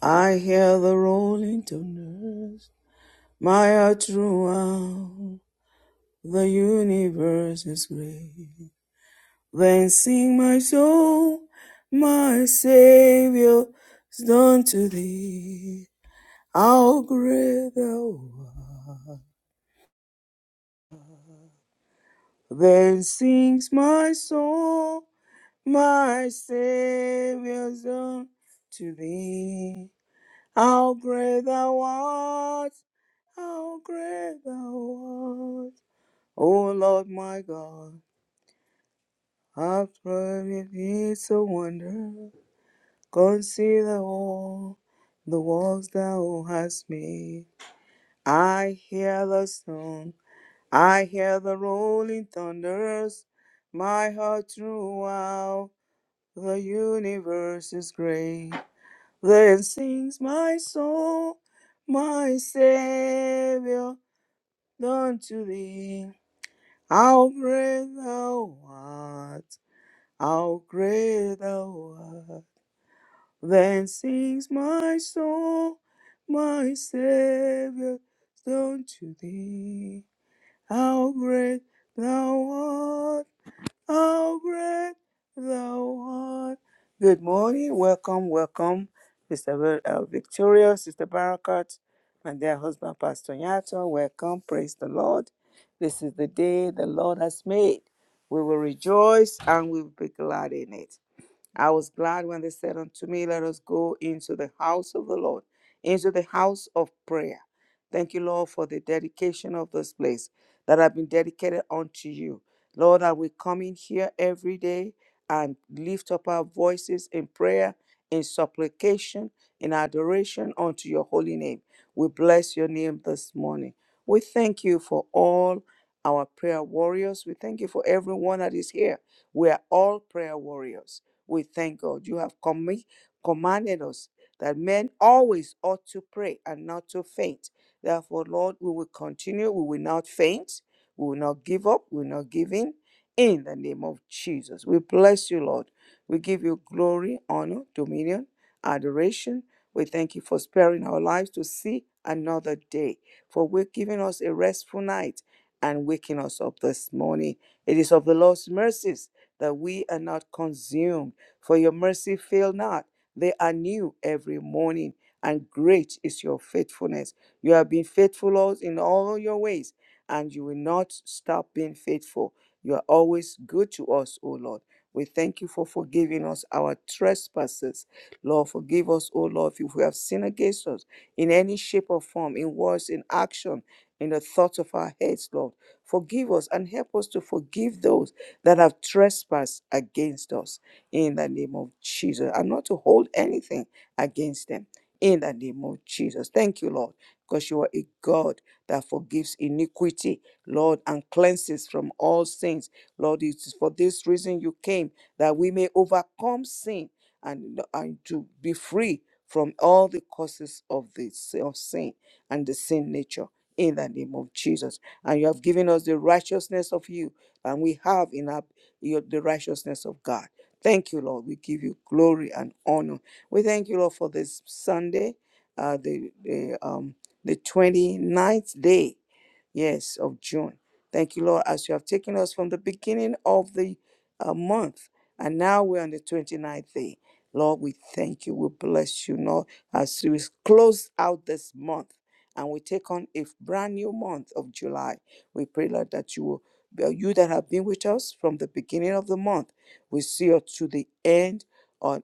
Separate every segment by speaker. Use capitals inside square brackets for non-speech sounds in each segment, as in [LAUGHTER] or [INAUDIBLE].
Speaker 1: I hear the rolling thunders. My heart throughout the universe is great. Then sing my soul, my Savior's done to thee. How great thou art. Then sings my soul, my Savior's done to thee. How great thou art. How great thou art, O Lord my God. I've tried, is the wonder. Consider all the works thou hast made. I hear the song, I hear the rolling thunders. My heart throughout the universe is great. Then sings my soul, my Savior, unto thee. How great thou art, how great thou art. Then sings my soul, my Savior, unto thee. How great thou art. Oh, great thou art. Good morning. Welcome, welcome, Sister Ver- uh, Victoria, Sister Barakat, and their husband, Pastor Yato. Welcome. Praise the Lord. This is the day the Lord has made. We will rejoice and we will be glad in it. I was glad when they said unto me, Let us go into the house of the Lord, into the house of prayer. Thank you, Lord, for the dedication of this place that have been dedicated unto you. Lord, that we come in here every day and lift up our voices in prayer, in supplication, in adoration unto your holy name. We bless your name this morning. We thank you for all our prayer warriors. We thank you for everyone that is here. We are all prayer warriors. We thank God. You have commi- commanded us that men always ought to pray and not to faint. Therefore, Lord, we will continue. We will not faint. We will not give up. We will not give in. In the name of Jesus. We bless you, Lord. We give you glory, honor, dominion, adoration. We thank you for sparing our lives to see another day, for we're giving us a restful night and waking us up this morning. It is of the Lord's mercies that we are not consumed for your mercy fail not. They are new every morning, and great is your faithfulness. You have been faithful Lord, in all your ways, and you will not stop being faithful. You are always good to us, O Lord. We thank you for forgiving us our trespasses. Lord, forgive us, O Lord, if we have sinned against us in any shape or form, in words, in action, in the thoughts of our heads, Lord. Forgive us and help us to forgive those that have trespassed against us in the name of Jesus and not to hold anything against them in the name of Jesus. Thank you, Lord, because you are a God that forgives iniquity, Lord, and cleanses from all sins. Lord, it is for this reason you came that we may overcome sin and, and to be free from all the causes of the of sin and the sin nature in the name of Jesus. And you have given us the righteousness of you, and we have in our your, the righteousness of God. Thank you, Lord. We give you glory and honor. We thank you, Lord, for this Sunday, uh, the, the, um, the 29th day Yes, of June. Thank you, Lord, as you have taken us from the beginning of the uh, month. And now we're on the 29th day. Lord, we thank you. We bless you, Lord, as we close out this month and we take on a brand new month of July. We pray, Lord, that you will, uh, you that have been with us from the beginning of the month, we see us to the end of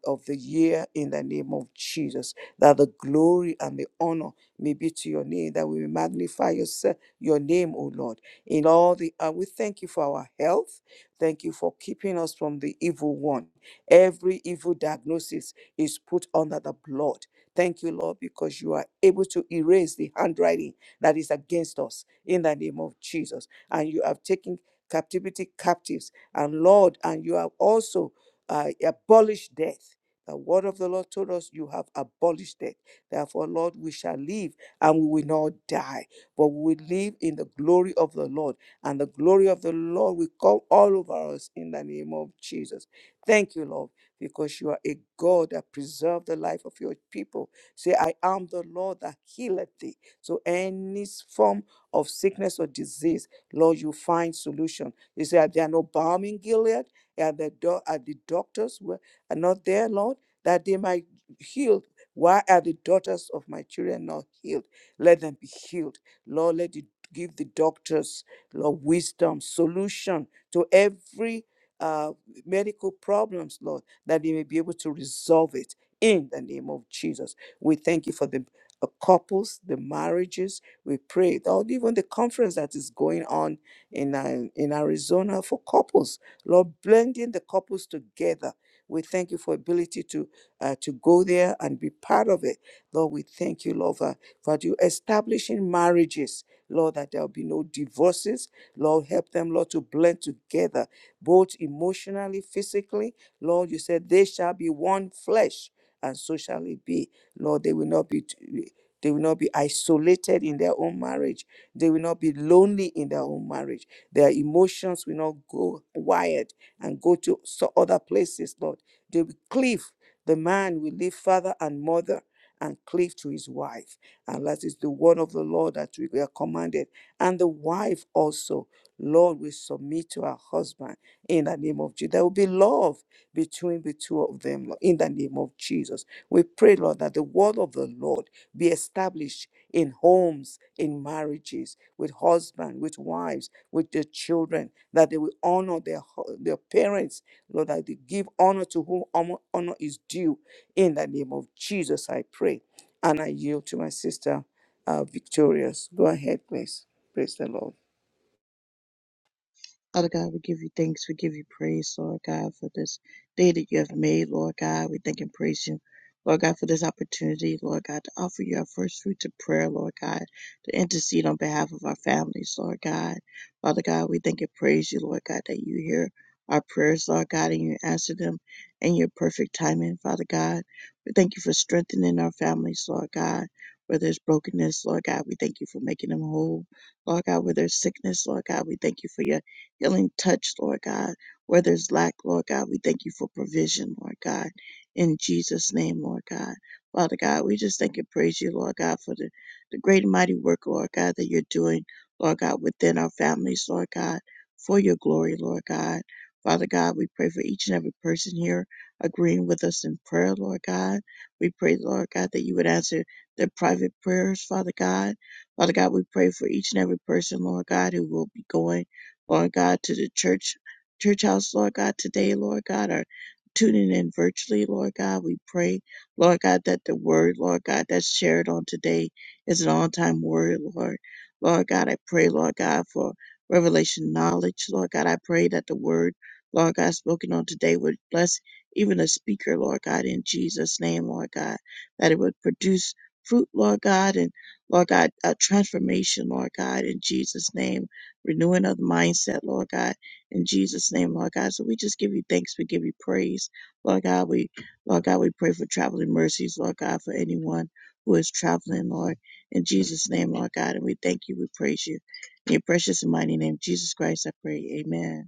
Speaker 1: of the year in the name of Jesus. That the glory and the honor may be to your name, that we may magnify yourself your name, O Lord. In all the uh, we thank you for our health. Thank you for keeping us from the evil one. Every evil diagnosis is put under the blood. Thank you, Lord, because you are able to erase the handwriting that is against us in the name of Jesus. And you have taken captivity captives. And Lord, and you have also uh, abolished death. The word of the Lord told us you have abolished death. Therefore, Lord, we shall live and we will not die but we will live in the glory of the Lord, and the glory of the Lord will come all over us in the name of Jesus. Thank you, Lord, because you are a God that preserves the life of your people. Say, I am the Lord that healeth thee. So any form of sickness or disease, Lord, you find solution. You say, there are there no balm in Gilead, are the, do- are the doctors were, are not there, Lord, that they might heal. Why are the daughters of my children not healed? Let them be healed Lord, let it give the doctors, Lord, wisdom, solution to every uh, medical problems, Lord, that they may be able to resolve it in the name of Jesus. We thank you for the uh, couples, the marriages. We pray, Lord, even the conference that is going on in, uh, in Arizona for couples, Lord, blending the couples together. We thank you for ability to uh, to go there and be part of it, Lord. We thank you, Lord. for Father, you establishing marriages, Lord, that there'll be no divorces. Lord, help them, Lord, to blend together, both emotionally, physically. Lord, you said they shall be one flesh, and so shall it be. Lord, they will not be. t- they will not be isolated in their own marriage. They will not be lonely in their own marriage. Their emotions will not go wired and go to so other places, Lord. They will cleave. The man will leave father and mother and cleave to his wife. Alas, it's the word of the Lord that we are commanded. And the wife also, Lord, will submit to her husband in the name of Jesus. There will be love between the two of them Lord, in the name of Jesus. We pray, Lord, that the word of the Lord be established in homes, in marriages, with husbands, with wives, with their children, that they will honor their, hu- their parents, Lord, that they give honor to whom honor honor is due. In the name of Jesus, I pray. And I yield to my sister, uh, Victorious. Go ahead, please. Praise the Lord.
Speaker 2: Father God, we give you thanks. We give you praise, Lord God, for this day that you have made, Lord God. We thank and praise you, Lord God, for this opportunity, Lord God, to offer you our first fruits of prayer, Lord God, to intercede on behalf of our families, Lord God. Father God, we thank and praise you, Lord God, that you hear our prayers, Lord God, and you answer them in your perfect timing, Father God. We thank you for strengthening our families, Lord God. Where there's brokenness, Lord God, we thank you for making them whole. Lord God, where there's sickness, Lord God, we thank you for your healing touch, Lord God. Where there's lack, Lord God, we thank you for provision, Lord God. In Jesus' name, Lord God. Father God, we just thank and praise you, Lord God, for the, the great and mighty work, Lord God, that you're doing, Lord God, within our families, Lord God, for your glory, Lord God. Father God, we pray for each and every person here agreeing with us in prayer, Lord God. We pray, Lord God, that you would answer their private prayers, Father God. Father God, we pray for each and every person, Lord God, who will be going Lord God, to the church, church house, Lord God, today, Lord God, are tuning in virtually, Lord God. We pray, Lord God, that the word, Lord God, that's shared on today is an on time word, Lord. Lord God, I pray, Lord God, for revelation knowledge, Lord God. I pray that the word, Lord God, spoken on today would bless even a speaker, Lord God, in Jesus' name, Lord God, that it would produce fruit, Lord God, and Lord God, a transformation, Lord God, in Jesus' name renewing of the mindset, Lord God, in Jesus' name, Lord God. So we just give you thanks. We give you praise, Lord God. We, Lord God, we pray for traveling mercies, Lord God, for anyone who is traveling, Lord, in Jesus' name, Lord God. And we thank you. We praise you. In your precious and mighty name, Jesus Christ, I pray. Amen.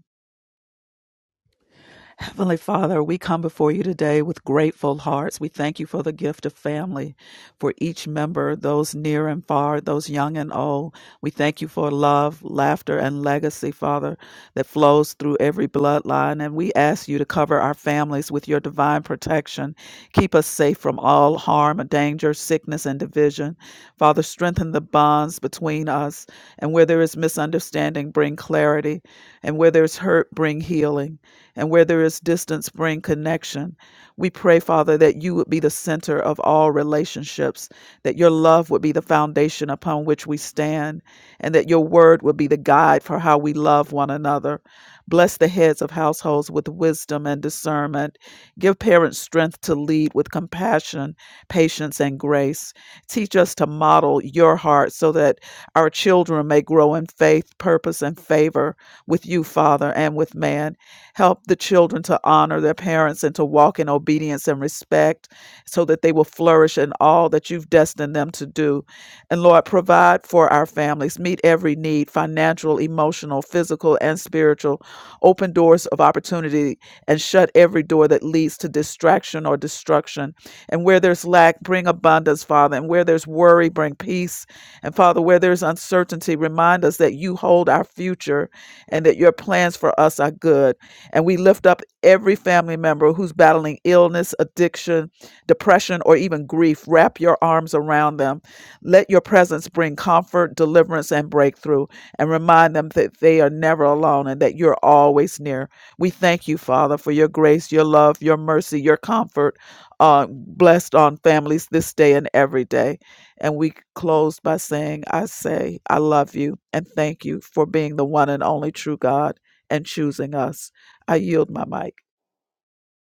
Speaker 3: Heavenly Father, we come before you today with grateful hearts. We thank you for the gift of family, for each member, those near and far, those young and old. We thank you for love, laughter, and legacy, Father, that flows through every bloodline. And we ask you to cover our families with your divine protection. Keep us safe from all harm, danger, sickness, and division. Father, strengthen the bonds between us. And where there is misunderstanding, bring clarity. And where there's hurt, bring healing and where there is distance, bring connection. We pray, Father, that you would be the center of all relationships, that your love would be the foundation upon which we stand, and that your word would be the guide for how we love one another. Bless the heads of households with wisdom and discernment. Give parents strength to lead with compassion, patience, and grace. Teach us to model your heart so that our children may grow in faith, purpose, and favor with you, Father, and with man. Help the children to honor their parents and to walk in obedience and respect so that they will flourish in all that you've destined them to do. And Lord, provide for our families, meet every need financial, emotional, physical, and spiritual. Open doors of opportunity and shut every door that leads to distraction or destruction. And where there's lack, bring abundance, Father. And where there's worry, bring peace. And Father, where there's uncertainty, remind us that you hold our future and that your plans for us are good. And we lift up every family member who's battling illness, addiction, depression, or even grief. Wrap your arms around them. Let your presence bring comfort, deliverance, and breakthrough, and remind them that they are never alone and that you're always near. We thank you, Father, for your grace, your love, your mercy, your comfort. Uh, blessed on families this day and every day. And we close by saying, I say, I love you and thank you for being the one and only true God and choosing us. I yield my mic.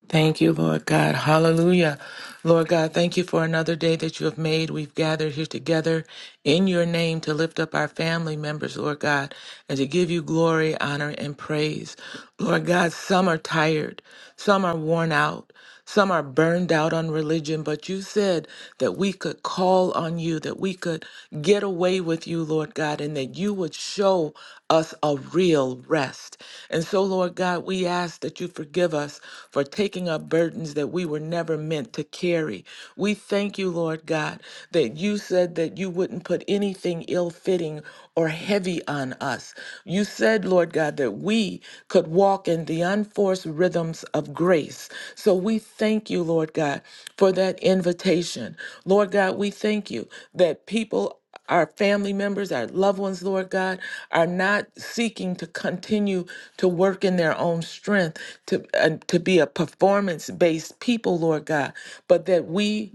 Speaker 4: Thank you, Lord God. Hallelujah. Lord God, thank you for another day that you have made. We've gathered here together in your name to lift up our family members, Lord God, and to give you glory, honor, and praise. Lord God, some are tired, some are worn out, some are burned out on religion, but you said that we could call on you, that we could get away with you, Lord God, and that you would show us a real rest. And so, Lord God, we ask that you forgive us for taking up burdens that we were never meant to carry. We thank you, Lord God, that you said that you wouldn't put anything ill fitting fitting or heavy on us. You said, Lord God, that we could walk in the unforced rhythms of grace. So we thank you, Lord God, for that invitation. Lord God, we thank you that people our family members, our loved ones, Lord God, are not seeking to continue to work in their own strength, to and to be a performance-based people, Lord God, but that we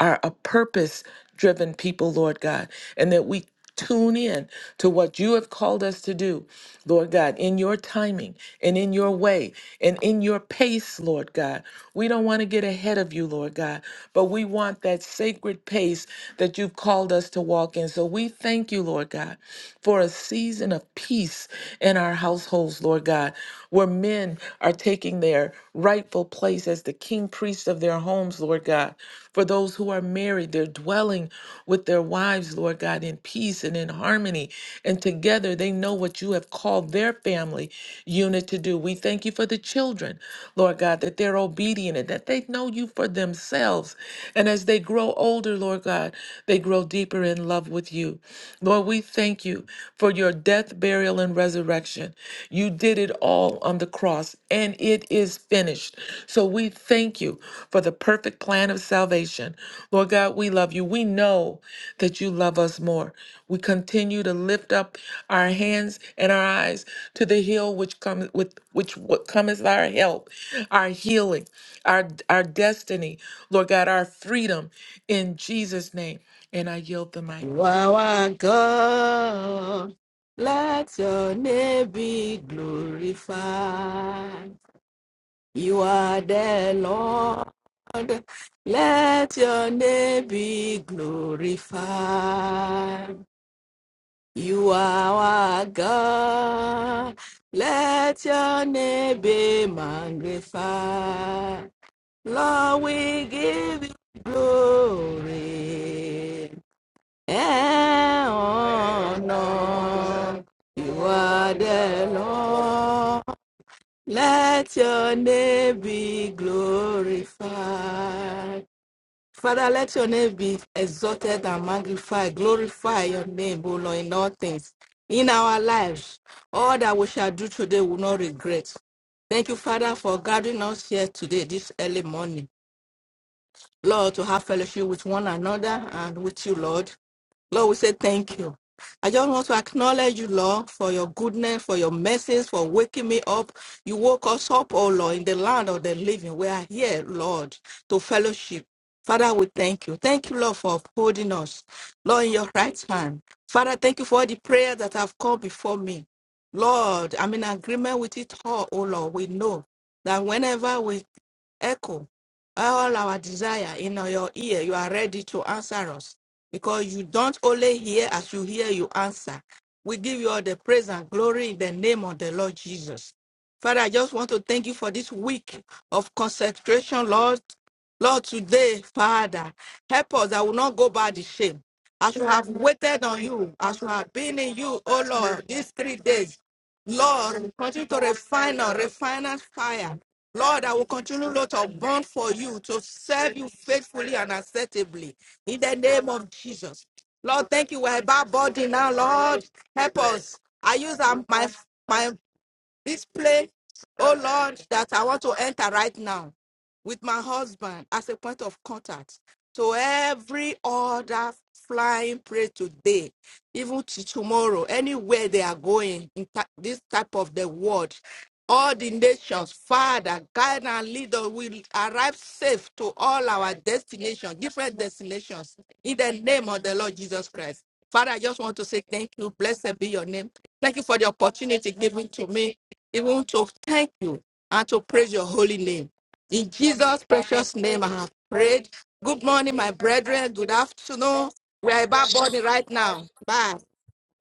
Speaker 4: are a purpose driven people, Lord God, and that we tune in to what you have called us to do, Lord God, in your timing and in your way and in your pace, Lord God. We don't want to get ahead of you, Lord God, but we want that sacred pace that you've called us to walk in. So we thank you, Lord God, for a season of peace in our households, Lord God, where men are taking their rightful place as the king priest of their homes, Lord God. For those who are married, they're dwelling with their wives, Lord God, in peace and in harmony. And together they know what you have called their family unit to do. We thank you for the children, Lord God, that they're obedient and that they know you for themselves. And as they grow older, Lord God, they grow deeper in love with you. Lord, we thank you for your death, burial, and resurrection resurrection. You did it all on the cross, and it is finished. So we thank you for the perfect plan of salvation. Lord God, we love you. We know that you love us more. We continue to lift up our hands and our eyes to the hill which comes with which what cometh our help, our healing, our our destiny, Lord God, our freedom in Jesus' name. And I yield the mic.
Speaker 5: You are one God. Let your name be glorified. You are the Lord. Let your name be glorified. You are our God. Let your name be magnified. Lord, we give you glory. Eh, oh no, you are the Lord. Let your name be glorified. Father, let your name be exalted and magnified. Glorify your name, O Lord, in all things. In our lives, all that we shall do today will not regret. Thank you, Father, for gathering us here today, this early morning. Lord, to have fellowship with one another and with you, Lord. Lord, we say thank you. I just want to acknowledge you, Lord, for your goodness, for your message, for waking me up. You woke us up, oh Lord, in the land of the living. We are here, Lord, to fellowship. Father, we thank you. Thank you, Lord, for upholding us. Lord, in your right hand. Father, thank you for all the prayers that have come before me. Lord, I'm in agreement with it all, oh Lord. We know that whenever we echo all our desire in your ear, you are ready to answer us because you don't only hear as you hear, you answer. We give you all the praise and glory in the name of the Lord Jesus. Father, I just want to thank you for this week of concentration, Lord. Lord, today, Father, help us that will not go by the shame. As we have waited on you, as we have been in you, oh Lord, these three days, Lord, continue to refine us, refine us fire. Lord, I will continue, Lord, to burn for you, to serve you faithfully and acceptably in the name of Jesus. Lord, thank you. We're about body now, Lord. Help us. I use um, my, my this place, oh Lord, that I want to enter right now with my husband as a point of contact to every other flying prey today, even to tomorrow, anywhere they are going in ta- this type of the world. All the nations, Father, guide and lead us. We arrive safe to all our destinations, different destinations, in the name of the Lord Jesus Christ. Father, I just want to say thank you. Blessed be your name. Thank you for the opportunity given to me we want to thank you and to praise your holy name. In Jesus' precious name, I have prayed. Good morning, my brethren. Good afternoon. We are about body right now. Bye.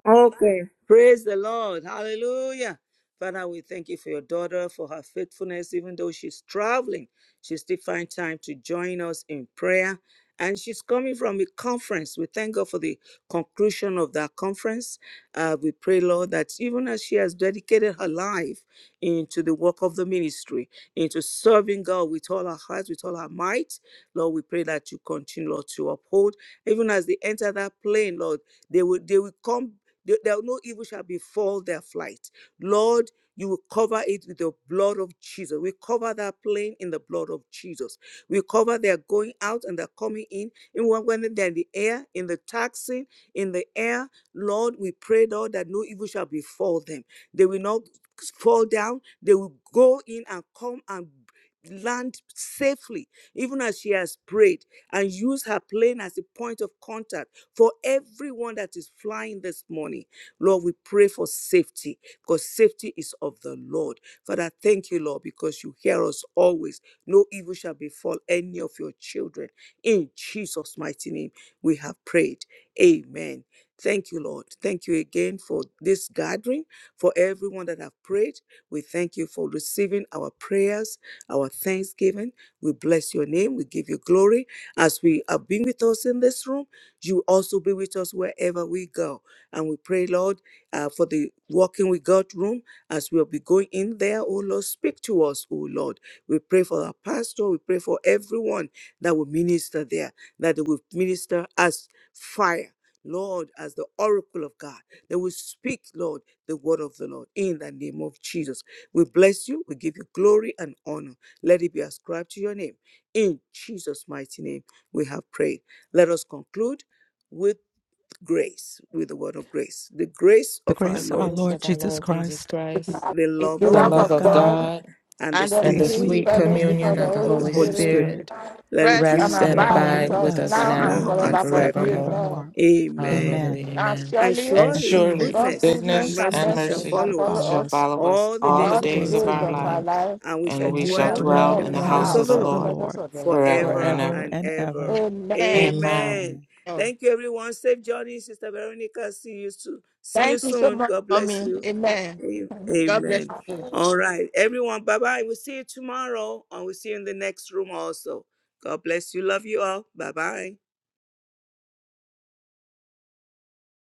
Speaker 1: Okay. Praise the Lord. Hallelujah. Father, we thank you for your daughter, for her faithfulness, even though she's traveling. She still find time to join us in prayer. And she's coming from a conference. We thank God for the conclusion of that conference. Uh, we pray, Lord, that even as she has dedicated her life into the work of the ministry, into serving God with all her heart, with all her might, Lord, we pray that you continue, Lord, to uphold. Even as they enter that plane, Lord, they will they will come there there no evil shall befall their flight. Lord, you will cover it with the blood of Jesus. We cover that plane in the blood of Jesus. We cover their going out and their coming in. in when when they're in the air, in the taxi, in the air, Lord, we pray, Lord, that no evil shall befall them. They will not fall down. They will go in and come and land safely, even as she has prayed and use her plane as a point of contact for everyone that is flying this morning, Lord, we pray for safety because safety is of the Lord. Father, thank you, Lord, because you hear us always. No evil shall befall any of your children. In Jesus' mighty name, we have prayed. Amen. Thank you, Lord. Thank you again for this gathering, for everyone that have prayed. We thank you for receiving our prayers, our thanksgiving. We bless your name. We give you glory as we have been with us in this room. You also be with us wherever we go. And we pray, Lord, uh, for the walking with God room as we'll be going in there. Oh, Lord, speak to us, oh, Lord. We pray for our pastor. We pray for everyone that will minister there, that they will minister as fire. Lord, as the oracle of God, they will speak, Lord, the word of the Lord in the name of Jesus. We bless you. We give you glory and honor. Let it be ascribed to your name. In Jesus' mighty name, we have prayed. Let us conclude with grace, with the word of grace. The grace
Speaker 3: The
Speaker 1: of our
Speaker 4: The
Speaker 3: grace of our
Speaker 1: Lord
Speaker 4: grace
Speaker 3: Lord
Speaker 1: Jesus,
Speaker 4: of our
Speaker 3: Jesus
Speaker 4: Lord Jesus
Speaker 3: Christ,
Speaker 4: Christ,
Speaker 1: the
Speaker 5: It's
Speaker 1: love
Speaker 5: the
Speaker 3: the
Speaker 1: of
Speaker 4: the
Speaker 5: love
Speaker 3: love
Speaker 4: love
Speaker 3: of
Speaker 5: of
Speaker 1: God,
Speaker 4: of
Speaker 5: God
Speaker 3: God,
Speaker 4: God,
Speaker 1: and the
Speaker 5: and the
Speaker 3: and
Speaker 4: and
Speaker 3: the
Speaker 1: sweet
Speaker 4: the
Speaker 5: sweet
Speaker 3: sweet
Speaker 4: sweet
Speaker 5: fellowship
Speaker 4: communion
Speaker 5: of the
Speaker 4: of
Speaker 3: communion
Speaker 1: communion
Speaker 4: the
Speaker 1: of
Speaker 5: Holy
Speaker 3: of
Speaker 1: the
Speaker 3: the
Speaker 4: Holy
Speaker 3: Holy
Speaker 1: Holy
Speaker 5: Spirit.
Speaker 1: Spirit.
Speaker 4: Spirit
Speaker 3: Spirit
Speaker 1: Let it
Speaker 5: Rest
Speaker 1: be
Speaker 5: and
Speaker 4: rest
Speaker 3: rest
Speaker 1: with
Speaker 3: and
Speaker 4: and
Speaker 1: us,
Speaker 5: abide
Speaker 3: abide
Speaker 1: let
Speaker 5: with
Speaker 4: abide
Speaker 3: with
Speaker 1: it
Speaker 4: with
Speaker 5: us
Speaker 1: be with
Speaker 4: us
Speaker 3: us
Speaker 1: us
Speaker 5: now and
Speaker 4: now
Speaker 1: now
Speaker 3: now
Speaker 4: and
Speaker 1: and
Speaker 5: forevermore.
Speaker 3: and
Speaker 1: forevermore.
Speaker 4: forevermore.
Speaker 5: Amen.
Speaker 3: forevermore.
Speaker 1: Amen.
Speaker 4: Hallelujah.
Speaker 3: Amen.
Speaker 5: And
Speaker 4: Amen.
Speaker 1: And
Speaker 5: surely
Speaker 4: And
Speaker 3: And
Speaker 1: surely
Speaker 4: surely
Speaker 3: surely
Speaker 5: God's
Speaker 1: goodness and
Speaker 5: goodness
Speaker 4: goodness
Speaker 3: goodness
Speaker 5: and
Speaker 3: and
Speaker 4: and
Speaker 1: mercy shall
Speaker 5: mercy
Speaker 3: mercy
Speaker 4: mercy
Speaker 5: shall
Speaker 3: shall
Speaker 1: follow
Speaker 5: follow
Speaker 1: us
Speaker 3: follow
Speaker 4: shall
Speaker 5: us
Speaker 3: us
Speaker 4: follow us
Speaker 1: all the
Speaker 4: all
Speaker 3: all
Speaker 4: the
Speaker 5: all
Speaker 1: days
Speaker 3: the
Speaker 1: of
Speaker 5: the
Speaker 1: our
Speaker 4: days
Speaker 3: days
Speaker 4: of
Speaker 3: of
Speaker 5: days
Speaker 1: life
Speaker 4: our
Speaker 3: our
Speaker 5: of our
Speaker 4: life,
Speaker 3: lives
Speaker 5: life,
Speaker 1: and we shall
Speaker 4: and
Speaker 3: and
Speaker 4: we
Speaker 5: and
Speaker 3: we
Speaker 5: we
Speaker 3: shall
Speaker 4: shall
Speaker 5: shall
Speaker 1: dwell
Speaker 4: dwell
Speaker 5: dwell
Speaker 1: in
Speaker 3: dwell
Speaker 4: in
Speaker 5: in
Speaker 1: the
Speaker 3: in
Speaker 4: the
Speaker 5: the
Speaker 3: the
Speaker 1: house
Speaker 4: house
Speaker 5: house
Speaker 1: of
Speaker 4: of
Speaker 3: house
Speaker 1: the
Speaker 4: the
Speaker 5: and
Speaker 3: of
Speaker 5: the
Speaker 3: the
Speaker 1: Lord
Speaker 4: Lord
Speaker 5: presence
Speaker 3: Lord
Speaker 5: of the Lord
Speaker 4: forever
Speaker 5: forever.
Speaker 1: forever
Speaker 4: and
Speaker 3: forever
Speaker 4: ever.
Speaker 1: and
Speaker 3: and
Speaker 1: ever.
Speaker 3: ever.
Speaker 5: Amen.
Speaker 4: Amen.
Speaker 1: Amen.
Speaker 3: Amen.
Speaker 1: Thank you, everyone. Safe journey, Sister Veronica. See you soon. See you
Speaker 5: Thank you so
Speaker 1: soon.
Speaker 5: much,
Speaker 1: God bless
Speaker 5: mommy.
Speaker 1: you.
Speaker 5: Amen. [LAUGHS] God bless
Speaker 1: Amen.
Speaker 5: you.
Speaker 1: All right, everyone. Bye bye. We'll see you tomorrow, and we'll see you in the next room also. God bless you. Love you all. Bye bye.